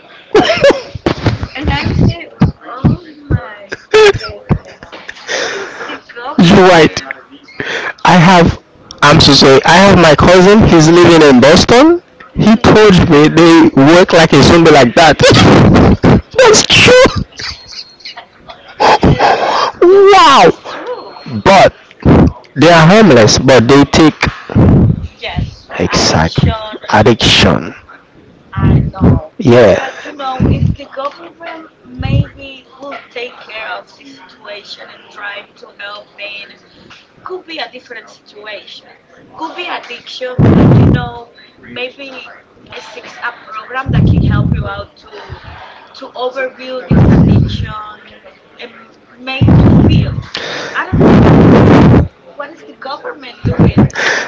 Speaker 2: And I say, oh my
Speaker 1: (laughs)
Speaker 2: goodness, what is the
Speaker 1: You're right.
Speaker 2: government?
Speaker 1: I have. I'm so sorry. I have my cousin.
Speaker 2: It's
Speaker 1: He's
Speaker 2: okay.
Speaker 1: living in Boston. He
Speaker 2: (laughs)
Speaker 1: told me they work like a zombie like that. (laughs) That's true. (laughs)
Speaker 2: It's
Speaker 1: Wow.
Speaker 2: it's true.
Speaker 1: But they are homeless, but they take
Speaker 2: Yes,
Speaker 1: exactly
Speaker 2: addiction,
Speaker 1: addiction. Addiction.
Speaker 2: I know.
Speaker 1: Yeah.
Speaker 2: But you know, if the government maybe
Speaker 1: We.
Speaker 2: will take care of this situation and trying to help, then could be a different situation. Could be addiction, but you know, maybe a six, a program that can help you out to overview this addiction and make you feel. I don't know what is the government doing.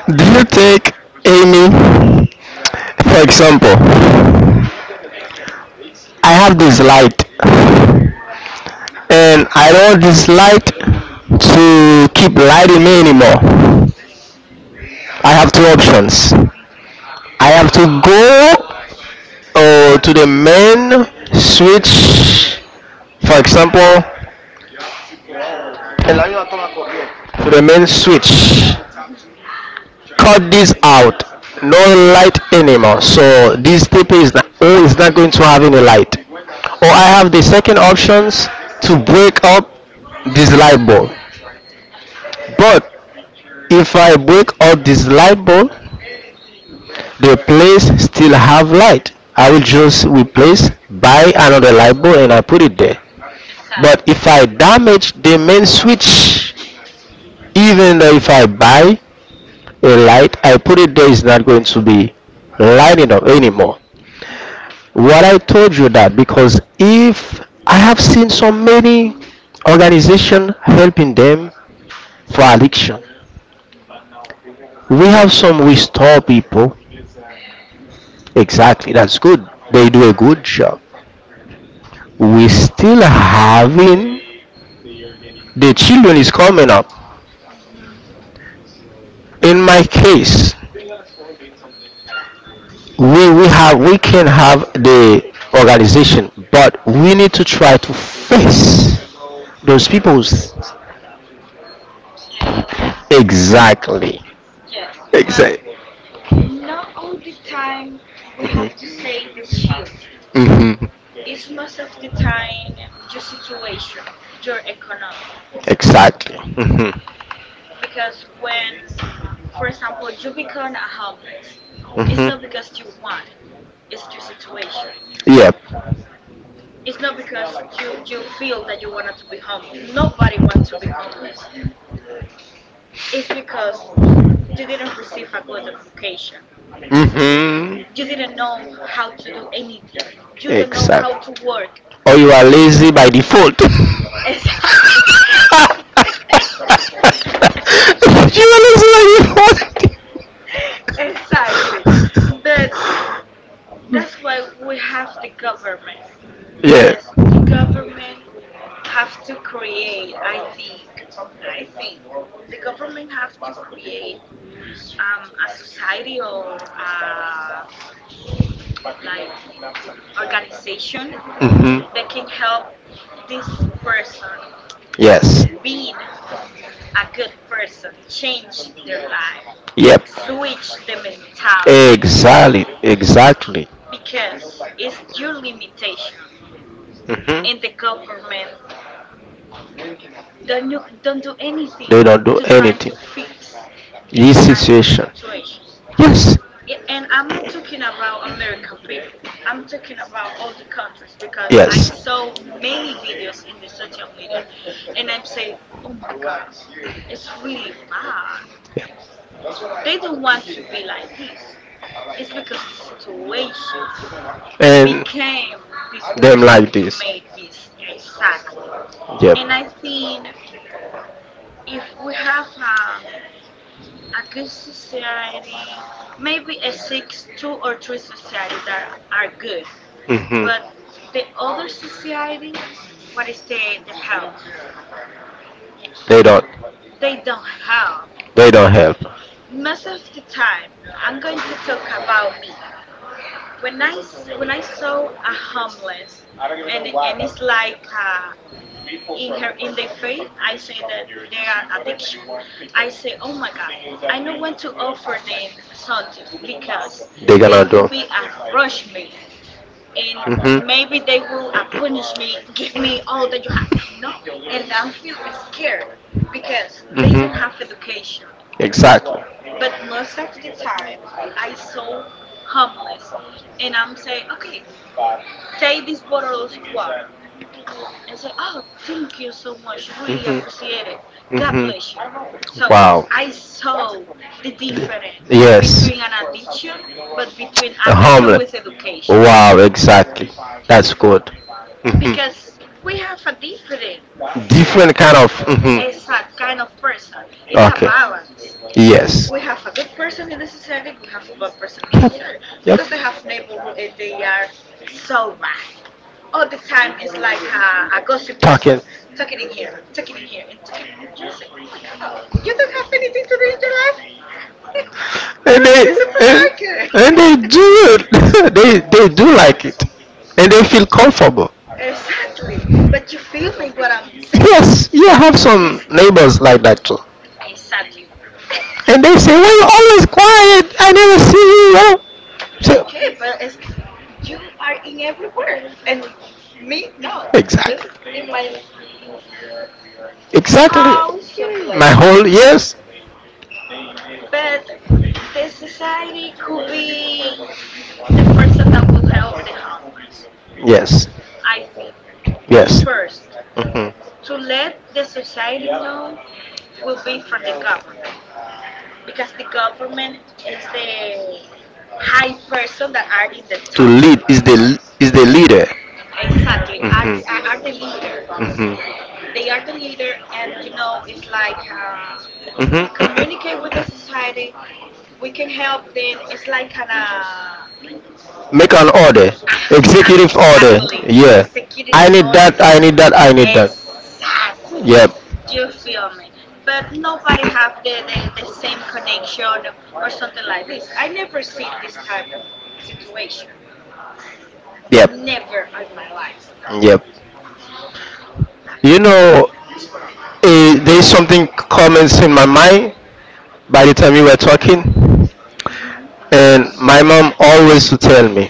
Speaker 1: Do you take, Amy, for example? I have this light,
Speaker 2: Mhm.
Speaker 1: and I don't want this light to keep lighting me anymore. I have two options.
Speaker 2: Mhm.
Speaker 1: I have to go to the main switch, for example, to the main switch,
Speaker 2: Mhm.
Speaker 1: cut this out, no light anymore. So this tape is not, oh, is not going to have any light. Or I have the second options, to break up this light bulb. But if I break out this light bulb, the place still have light. I will just replace, buy another light bulb, and I put it there. But
Speaker 2: Exactly.
Speaker 1: if I damage the main switch, even though if I buy a light, I put it there, it's not going to be lighting up anymore.
Speaker 2: Mm-mm.
Speaker 1: What I told you that because, if I have seen so many organization helping them for addiction,
Speaker 2: Mhm.
Speaker 1: we have some restore people.
Speaker 2: Mhm.
Speaker 1: Exactly, that's good. They do a good job. We still having, the children is coming up,
Speaker 2: Mhm.
Speaker 1: in my case, we have, we can have the organization, but we need to try to face those people.
Speaker 2: Say yes.
Speaker 1: Exactly.
Speaker 2: Yes, but
Speaker 1: Exactly.
Speaker 2: not all the time we have to say the children's.
Speaker 1: Hmm.
Speaker 2: It's most of the time your situation, your economy.
Speaker 1: Exactly. Hmm.
Speaker 2: Because when, for example, you become a homeless,
Speaker 1: It's
Speaker 2: it's not
Speaker 1: hmm.
Speaker 2: because you
Speaker 1: Mm-hmm.
Speaker 2: want, it's your situation.
Speaker 1: You, yep.
Speaker 2: It's not because you feel that you wanted to be homeless. Nobody wants to be homeless. Is because you didn't receive a good education.
Speaker 1: Hmm.
Speaker 2: You didn't know how to do anything. You don't know how to
Speaker 1: Exact.
Speaker 2: work.
Speaker 1: Or you are lazy by default. (laughs)
Speaker 2: (laughs) Exac-
Speaker 1: Exactly. (laughs) You are lazy by default.
Speaker 2: Exactly. But that's why we have the government because the
Speaker 1: Yeah.
Speaker 2: government have to create, I think the government have to create a society or a like organization
Speaker 1: Hmm.
Speaker 2: that can help this person
Speaker 1: Yes.
Speaker 2: being a good person, change their life,
Speaker 1: Yep. Switch.
Speaker 2: switch the mentality
Speaker 1: Exactly. Exactly.
Speaker 2: because it's your limitation and the
Speaker 1: Hmm.
Speaker 2: government don't do anything to trying
Speaker 1: Anything.
Speaker 2: to fix this type of situation.
Speaker 1: Yes.
Speaker 2: And I'm not talking about American people. I'm talking about all the countries because I saw many videos in the social media and I'm saying, oh my God,
Speaker 1: God,
Speaker 2: it's really bad.
Speaker 1: we.
Speaker 2: They don't want to be like this. It's because the situation
Speaker 1: And
Speaker 2: became this
Speaker 1: them person
Speaker 2: person
Speaker 1: like who
Speaker 2: to make this,
Speaker 1: this.
Speaker 2: exactly.
Speaker 1: Yep.
Speaker 2: And I think if we have a good society, maybe a six, two or three society that are good,
Speaker 1: Hmm.
Speaker 2: but the other society, what is the help?
Speaker 1: They don't.
Speaker 2: They don't help.
Speaker 1: They don't help.
Speaker 2: Most of the time, I'm going to talk about me. When when I saw a homeless, and it's like. In their face I say that they are addiction. I say oh my god, I know when to offer them something because they will be
Speaker 1: Going.
Speaker 2: a rush me, and
Speaker 1: Mhm.
Speaker 2: maybe they will punish me. (laughs) Give me all that you have, no. And I feel scared because they do
Speaker 1: Mhm.
Speaker 2: not have education.
Speaker 1: Exactly.
Speaker 2: But most of the time I saw homeless and I'm saying, okay, take this bottle of water. And say, oh, thank you so much. I really appreciate it.
Speaker 1: Mhm.
Speaker 2: God
Speaker 1: Mhm.
Speaker 2: bless you. So I saw the difference between an addiction, but between addiction with
Speaker 1: Homeless. With.
Speaker 2: education.
Speaker 1: Wow, exactly. That's good.
Speaker 2: Because
Speaker 1: Mhm.
Speaker 2: we have a different
Speaker 1: Different
Speaker 2: ev-
Speaker 1: kind of. Mhm.
Speaker 2: exact kind of person. It's a balance.
Speaker 1: Yes.
Speaker 2: We have a good person in the society, we have a bad person in the society.
Speaker 1: Yep.
Speaker 2: Because I have neighborhood and they are so bad. All the time is like a gossip person,
Speaker 1: Talking.
Speaker 2: talking in here, and talking. Just say, oh my God, you don't have anything to do in your life? Go
Speaker 1: And
Speaker 2: to
Speaker 1: they
Speaker 2: the
Speaker 1: and,
Speaker 2: supermarket.
Speaker 1: and they do it. (laughs) They do like it. And they feel comfortable.
Speaker 2: (laughs) Exactly. But you feel me what I'm saying.
Speaker 1: Yes, you have
Speaker 2: It's,
Speaker 1: some
Speaker 2: it's
Speaker 1: neighbors like that too.
Speaker 2: exactly,
Speaker 1: And they say, well
Speaker 2: you
Speaker 1: you're always
Speaker 2: know?
Speaker 1: quiet, I never see you, you.
Speaker 2: Okay, but
Speaker 1: So,
Speaker 2: it's, you are in everywhere. And me, no. Just in my
Speaker 1: exactly.
Speaker 2: this
Speaker 1: Exactly.
Speaker 2: house, something like
Speaker 1: My
Speaker 2: this.
Speaker 1: whole yes,
Speaker 2: But the society could be the person that will help the homeless.
Speaker 1: yes,
Speaker 2: I think. But
Speaker 1: yes.
Speaker 2: first,
Speaker 1: Mhm.
Speaker 2: to let the society know will be from the government because the government is the high person that are in the
Speaker 1: To
Speaker 2: top.
Speaker 1: lead, is the leader.
Speaker 2: Exactly, are the, are
Speaker 1: Mhm.
Speaker 2: the leader.
Speaker 1: Mhm. Mhm.
Speaker 2: They are the leader, and you know it's like,
Speaker 1: Mhm.
Speaker 2: communicate with the society. We can help them. It's like kind of,
Speaker 1: Make an order,
Speaker 2: aha, (laughs)
Speaker 1: executive order.
Speaker 2: exactly
Speaker 1: Exactly.
Speaker 2: a
Speaker 1: Yeah, executive, I
Speaker 2: security
Speaker 1: need
Speaker 2: or
Speaker 1: that.
Speaker 2: a,
Speaker 1: Order. I need that. I need that.
Speaker 2: exactly.
Speaker 1: Yep,
Speaker 2: You feel me? But nobody have the same connection or something like this. I never see this type of situation.
Speaker 1: yep,
Speaker 2: Never in my life.
Speaker 1: yep. You know, eh, there's something comments in my mind by the time you were talking.
Speaker 2: Hmm.
Speaker 1: And my mom always would tell me,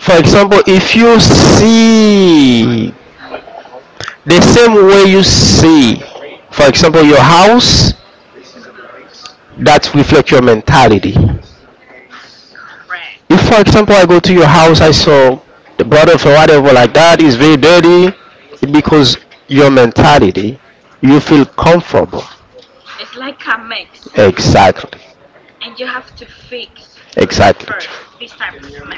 Speaker 1: for example, if you see the same way you see, for example, your house,
Speaker 2: Hmm.
Speaker 1: that reflect your mentality.
Speaker 2: Correct.
Speaker 1: If for example I go to your house, I saw the brother for whatever like that is very dirty, because your mentality, you feel comfortable.
Speaker 2: It's like a mix.
Speaker 1: Exactly.
Speaker 2: And you have to fix,
Speaker 1: Exactly.
Speaker 2: first this type of mix.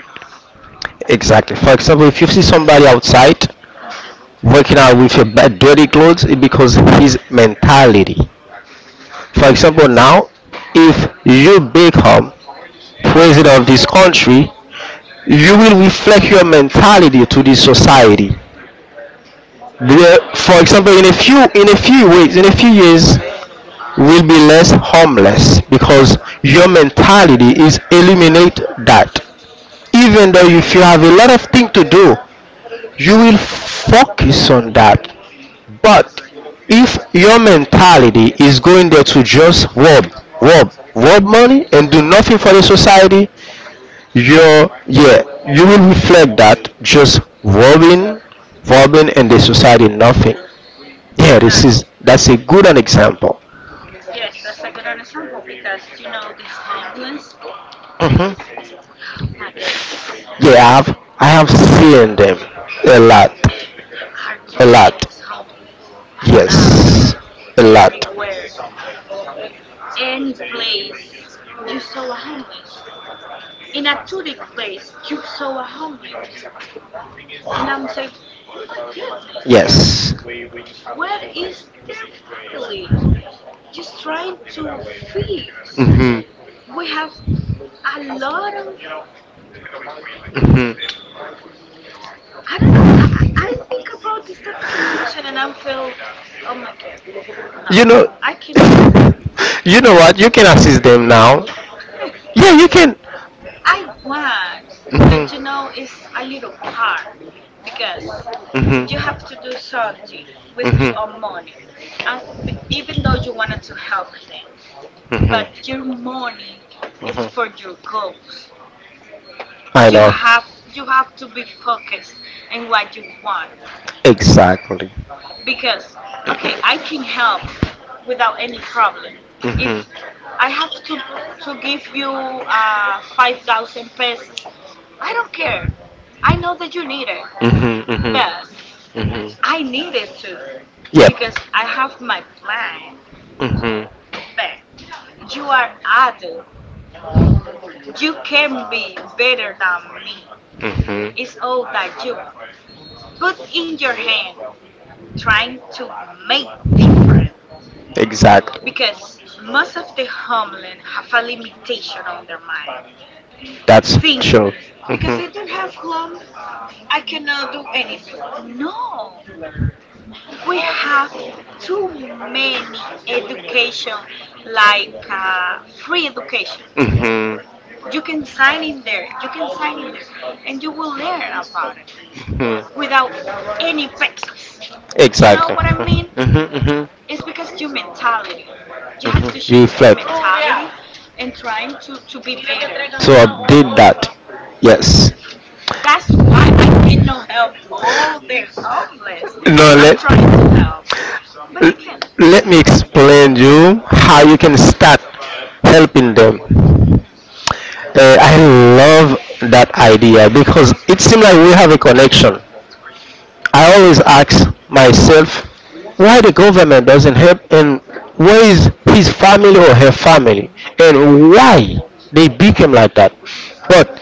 Speaker 1: Exactly. For example, if you see somebody outside,
Speaker 2: Hmm.
Speaker 1: working out with your bad dirty clothes, is because his mentality. For example, now, if you become president of this country, you will reflect your mentality to this society. For example, in a few weeks, in a few years, will be less homeless because your mentality is eliminate that. Even though if you have a lot of things to do, you will focus on that. But if your mentality is going there to just rob, rob, rob money and do nothing for the society, you're, yeah, you will reflect that just robbing, robbing and the society nothing. Yeah,
Speaker 2: Exactly.
Speaker 1: that's a good an example.
Speaker 2: Yes, that's a good example because you know the homeless.
Speaker 1: Hmm.
Speaker 2: Oh my goodness.
Speaker 1: Yeah, I have seen them a lot,
Speaker 2: Are too
Speaker 1: a lot.
Speaker 2: many homeless, a lot,
Speaker 1: Yes, a lot.
Speaker 2: everywhere, any place. You saw a homeless in a tourist place. You saw a homeless, and I'm saying, oh my goodness,
Speaker 1: Yes.
Speaker 2: where is their family? Just trying to fix.
Speaker 1: Hmm.
Speaker 2: We have a lot of.
Speaker 1: Hmm.
Speaker 2: I don't know. I think about this type of situation, and I am felt, oh my god, no,
Speaker 1: You know,
Speaker 2: I cannot believe.
Speaker 1: can, (laughs) you know what? You can assist them now. Yeah, you can.
Speaker 2: I want,
Speaker 1: Mhm.
Speaker 2: but you
Speaker 1: But
Speaker 2: know, it's
Speaker 1: mhm,
Speaker 2: a little hard because
Speaker 1: mhm. You
Speaker 2: you have to do
Speaker 1: mhm,
Speaker 2: something with your own money.
Speaker 1: mhm.
Speaker 2: And even though you wanted to help them, but your
Speaker 1: Mhm,
Speaker 2: money
Speaker 1: is
Speaker 2: is for
Speaker 1: mhm.
Speaker 2: your goals.
Speaker 1: I you
Speaker 2: You have
Speaker 1: know.
Speaker 2: you have to be focused in what you want
Speaker 1: Exactly.
Speaker 2: because okay, I can help without any problem. If
Speaker 1: Mhm.
Speaker 2: I have to give you 5,000 pesos, I don't care. I know that you need it.
Speaker 1: It's mhm,
Speaker 2: But
Speaker 1: mhm, mhm.
Speaker 2: I needed to
Speaker 1: Yep.
Speaker 2: because I have my plan.
Speaker 1: Mhm,
Speaker 2: But you are adult. You can be better than me.
Speaker 1: mhm.
Speaker 2: It's all that you put in your hand trying to make different
Speaker 1: Exactly.
Speaker 2: because most of the homeland have a limitation on their mind.
Speaker 1: That's
Speaker 2: Think because I don't have
Speaker 1: mhm.
Speaker 2: home, I cannot do anything. No, we have too many education like, free education.
Speaker 1: Mhm. Mhm.
Speaker 2: You can sign in there you can sign in there and you will learn about it
Speaker 1: you know
Speaker 2: without any pesos, you know what I mean.
Speaker 1: Mhm. Mhm.
Speaker 2: It's because your mentality, you have to change the mentality and trying to be better.
Speaker 1: To update that. Yes.
Speaker 2: That's why I cannot help all the homeless. I'm
Speaker 1: No,
Speaker 2: trying to help but I can't.
Speaker 1: let me explain you how you can start helping them.
Speaker 2: Hmm.
Speaker 1: I love that idea because it seems like we have a connection. I always ask myself why the government doesn't help and where is his family or her family and why they became like that. But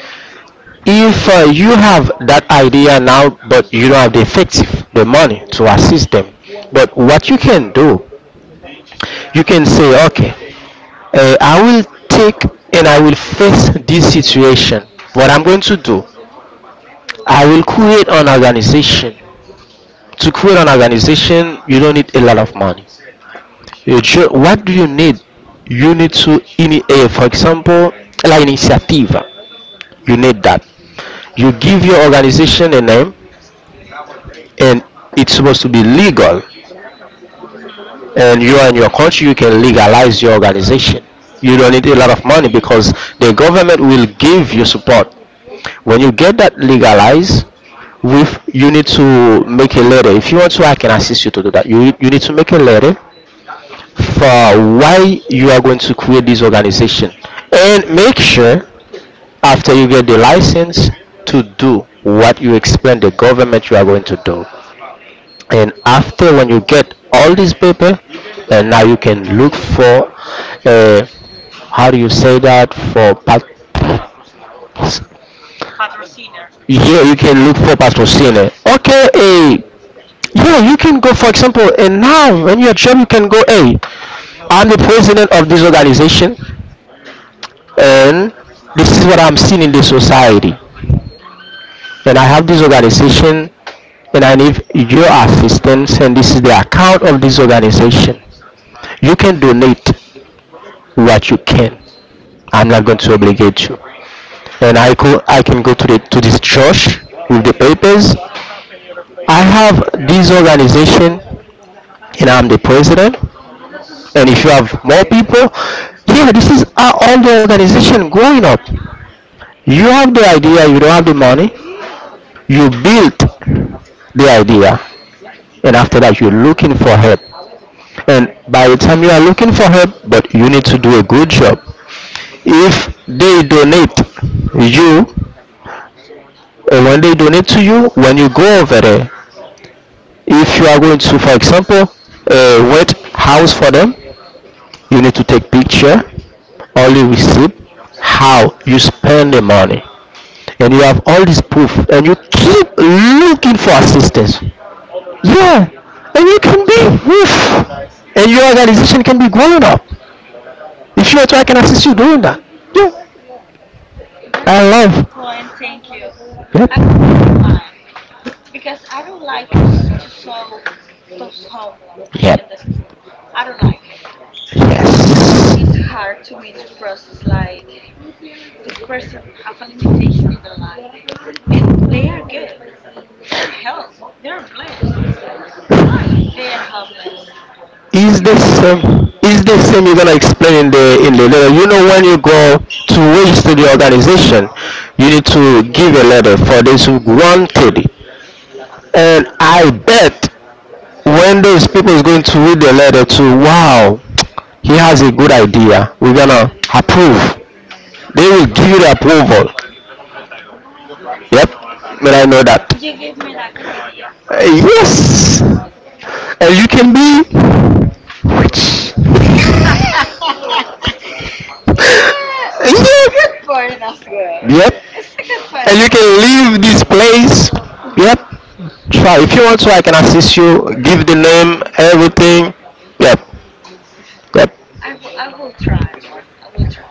Speaker 1: if you have that idea now, but you don't have the effective, the money to assist them, but what you can do, you can say, okay, I will take and I will face this situation. What I'm going to do, I will create an organization. To create an organization, you don't need a lot of money. What do you need? You need to, in a, for example, la iniciativa. You need that. You give your organization a name, and it's supposed to be legal.
Speaker 2: Hmm.
Speaker 1: And you are in your country, you can legalize your organization. You don't need a lot of money because the government will give you support. When you get that legalized, with you need to make a letter if you want to, I can assist you to do that. You need to make a letter for why you are going to create this organization and make sure after you get the license to do what you explain the government you are going to do, and after when you get all this paper and now you can look for uh, how do you say that, for pat-.
Speaker 2: Patrociner.
Speaker 1: Yeah, you can look for patrociner. Okay, hey. Yeah, you can go, for example, and now when you're job, you can go, hey, I'm the president of this organization, and this is what I'm seeing in the society. And I have this organization, and I need your assistance, and this is the account of this organization. You can donate what you can. I'm not going to obligate you. And I can go to, the, to this church with the papers. I have this organization, and I'm the president. And if you have more people, yeah, this is how all the organization growing up. You have the idea, you don't have the money, you build the idea, and after that you're looking for help. And by the time you are looking for help, but you need to do a good job. If they donate you, and when they donate to you, when you go over there, if you are going to, for example, wet house for them, you need to take picture, only receipt, how you spend the money. And you have all this proof and you keep looking for assistance. Yeah, and you can be woof, and your organization can be growing up. If you are, to, I can assist you doing that. Yeah,
Speaker 2: That's
Speaker 1: I
Speaker 2: a good
Speaker 1: love.
Speaker 2: point. Thank you. I will keep in
Speaker 1: Yep.
Speaker 2: mind because I don't like to sew those homelums in the street.
Speaker 1: Yep.
Speaker 2: I don't like it because it's
Speaker 1: Yes.
Speaker 2: hard to me to process like this person have a limitation in their life and they are good. They are health. They are blessed. Why they are homeless if
Speaker 1: Is the
Speaker 2: they can?
Speaker 1: same. Is the same you're gonna explain in the letter. You know when you go to register the organization, you need to give a letter for those who granted it. And I bet when those people is going to read the letter to, wow, he has a good idea. We're gonna approve. They will give you the approval. Yep. But I know that.
Speaker 2: You give me that good idea.
Speaker 1: Yes. And you can be rich.
Speaker 2: (laughs)
Speaker 1: (laughs)
Speaker 2: Yeah, it's a good
Speaker 1: Yep.
Speaker 2: point as well.
Speaker 1: Yep.
Speaker 2: It's a good point
Speaker 1: And you
Speaker 2: because
Speaker 1: can leave this place. Yep. Try. If you want to, I can assist you. Give the name, everything. Yep. Yep.
Speaker 2: I will try. I will try.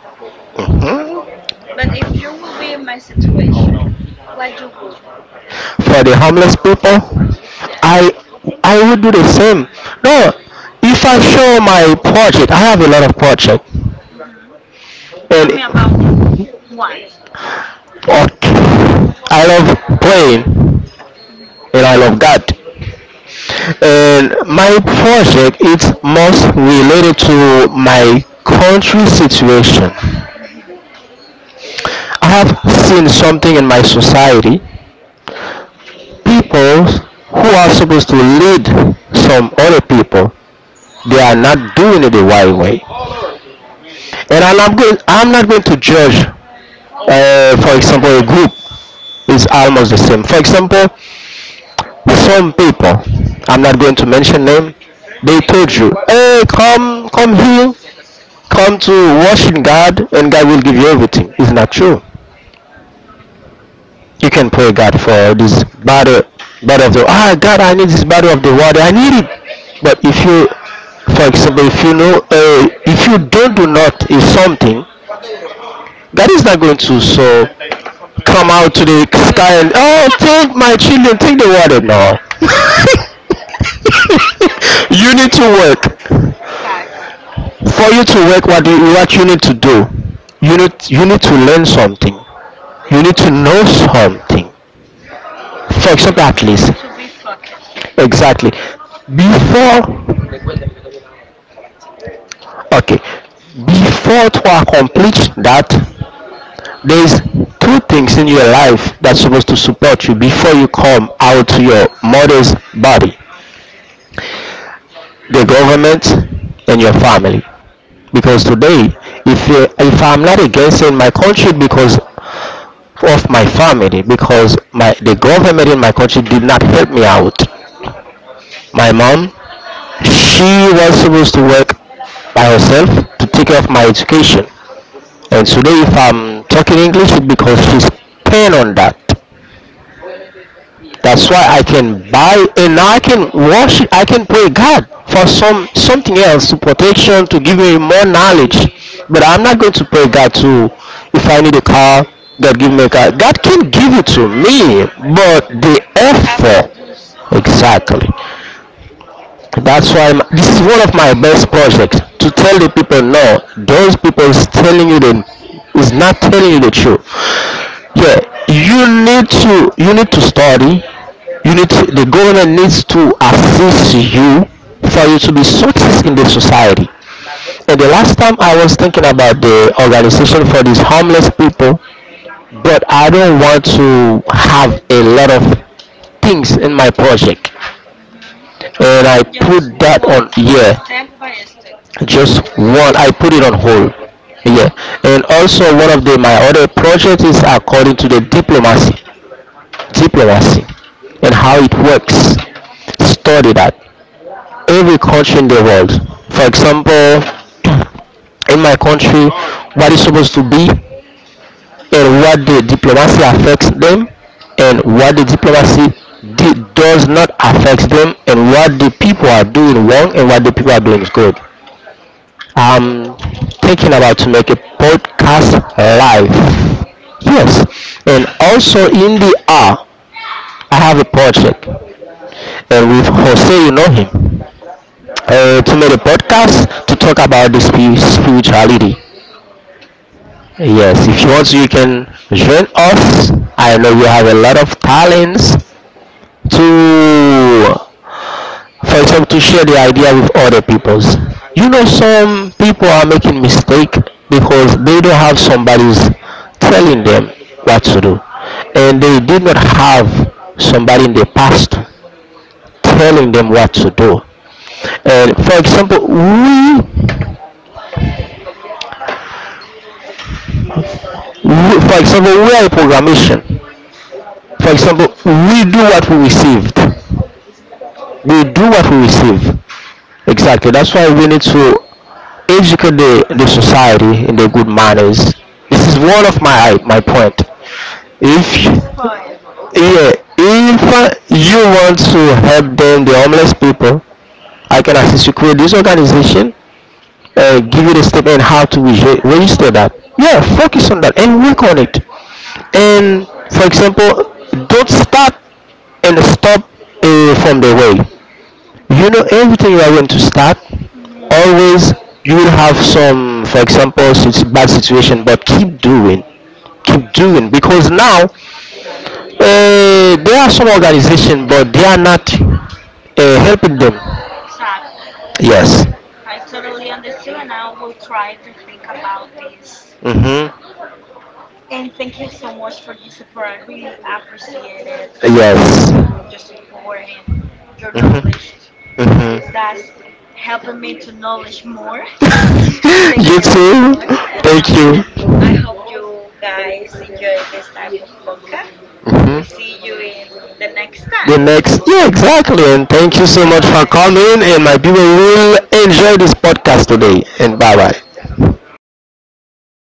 Speaker 1: Hmm?
Speaker 2: But if you will be in my situation, what you will do?
Speaker 1: For the homeless people,
Speaker 2: Yes.
Speaker 1: i I would do the same. No, if I show my project, I have a lot of project.
Speaker 2: Hmm. Tell
Speaker 1: Tell
Speaker 2: me about
Speaker 1: and
Speaker 2: one.
Speaker 1: okay, I love praying
Speaker 2: Hmm.
Speaker 1: and I love God, and my project is most related to my country situation.
Speaker 2: Hmm.
Speaker 1: I have seen something in my society, people who are supposed to lead some other people, they are not doing it the right way. And I'm not going to judge. For example, a group is almost the same. For example, some people, I'm not going to mention name, they told you, hey, come, come here, come to worship God and God will give you everything. It's not true. You can pray God for this battle, battle of the, ah God, I need this battle of the water, I need it. But if you, for example, if you know, if you don't do not is something, God is not going to so come out to the
Speaker 2: To the
Speaker 1: sky and,
Speaker 2: (laughs)
Speaker 1: oh, tell my children take the water. No, you need to work.
Speaker 2: exactly.
Speaker 1: For you to work, what you need to do, you need to learn something, you need to know something. For example, at
Speaker 2: You need
Speaker 1: least
Speaker 2: to be focused.
Speaker 1: exactly before, okay, before to accomplish that, there's two things in your life that's supposed to support you before you come out to your mother's body: the government and your family. Because today, if uh, if I'm not against in my country because of my family, because my the government in my country did not help me out, my mom, she was supposed to work by herself to take care of my education. And today if I'm talking English, it's because she's paying on that. That's why I can buy and now I can worship. I can pray God for some something else to protection to give me more knowledge. But I'm not going to pray God to, if I need a car, God give me a car. God can give it to me, but the
Speaker 2: You have to
Speaker 1: effort,
Speaker 2: do something.
Speaker 1: exactly. That's why this is one of my best projects, to tell the people no. Those people is telling you the, is not telling you the truth.
Speaker 2: It's a good point.
Speaker 1: Yeah, you need to study, you need to, the government needs to assist you for you to be success in the society. And the last time I was thinking about the organization for these homeless people, but I don't want to have a lot of things in my project,
Speaker 2: Hmm.
Speaker 1: and I
Speaker 2: Just
Speaker 1: put that
Speaker 2: one
Speaker 1: on,
Speaker 2: step by
Speaker 1: yeah.
Speaker 2: step.
Speaker 1: Just one, I put it on hold. Yeah. And also one of the my other projects is according to the diplomacy diplomacy and how it works. Study that. Every country in the world. For example, in my country, what is supposed to be and what the diplomacy affects them and what the diplomacy does not affect them, and what the people are doing wrong and what the people are doing is good. I'm thinking about to make a podcast live. Yes. And also in the R, I have a project with Jose, you know him, to make a podcast to talk about the spirituality. Yes, if you want to, you can join us. I know you have a lot of talents to, for example, to share the idea with other peoples. You know, some people are making mistake because they don't have somebody's telling them what to do, and they did not have somebody in the past telling
Speaker 2: Hmm.
Speaker 1: them what to do. And for example, we for example, we are in programmation. For example, we do what we received. We do what we receive. Exactly. That's why we need to educate the society in the good manners. This is one of my point.
Speaker 2: It's a good point.
Speaker 1: If yeah, if you want to help them, the homeless people, I can assist you create this organization and give you the step and how to register that. Yeah, focus on that and work on it. And for example, don't start and stop from the way. You know everything you are going to start,
Speaker 2: Hmm.
Speaker 1: always you will have some, for example, it's bad situation, but keep doing, because now there are some organization but they are not helping them.
Speaker 2: Exactly.
Speaker 1: Yes.
Speaker 2: I totally understood, and I will try to think about this.
Speaker 1: Hmm.
Speaker 2: And thank you so much for your support. I really appreciated all your support and your knowledge.
Speaker 1: Mm-hmm.
Speaker 2: That's
Speaker 1: Mm-hmm.
Speaker 2: helping me to knowledge more.
Speaker 1: (laughs)
Speaker 2: Thank you so much, and and
Speaker 1: You.
Speaker 2: I hope you guys enjoy this type of podcast. We see you
Speaker 1: Hmm.
Speaker 2: in the
Speaker 1: time.
Speaker 2: next
Speaker 1: Next,
Speaker 2: time.
Speaker 1: yeah, exactly. And thank you
Speaker 2: Bye
Speaker 1: so much
Speaker 2: bye.
Speaker 1: coming. And my people will enjoy this podcast today. And bye bye.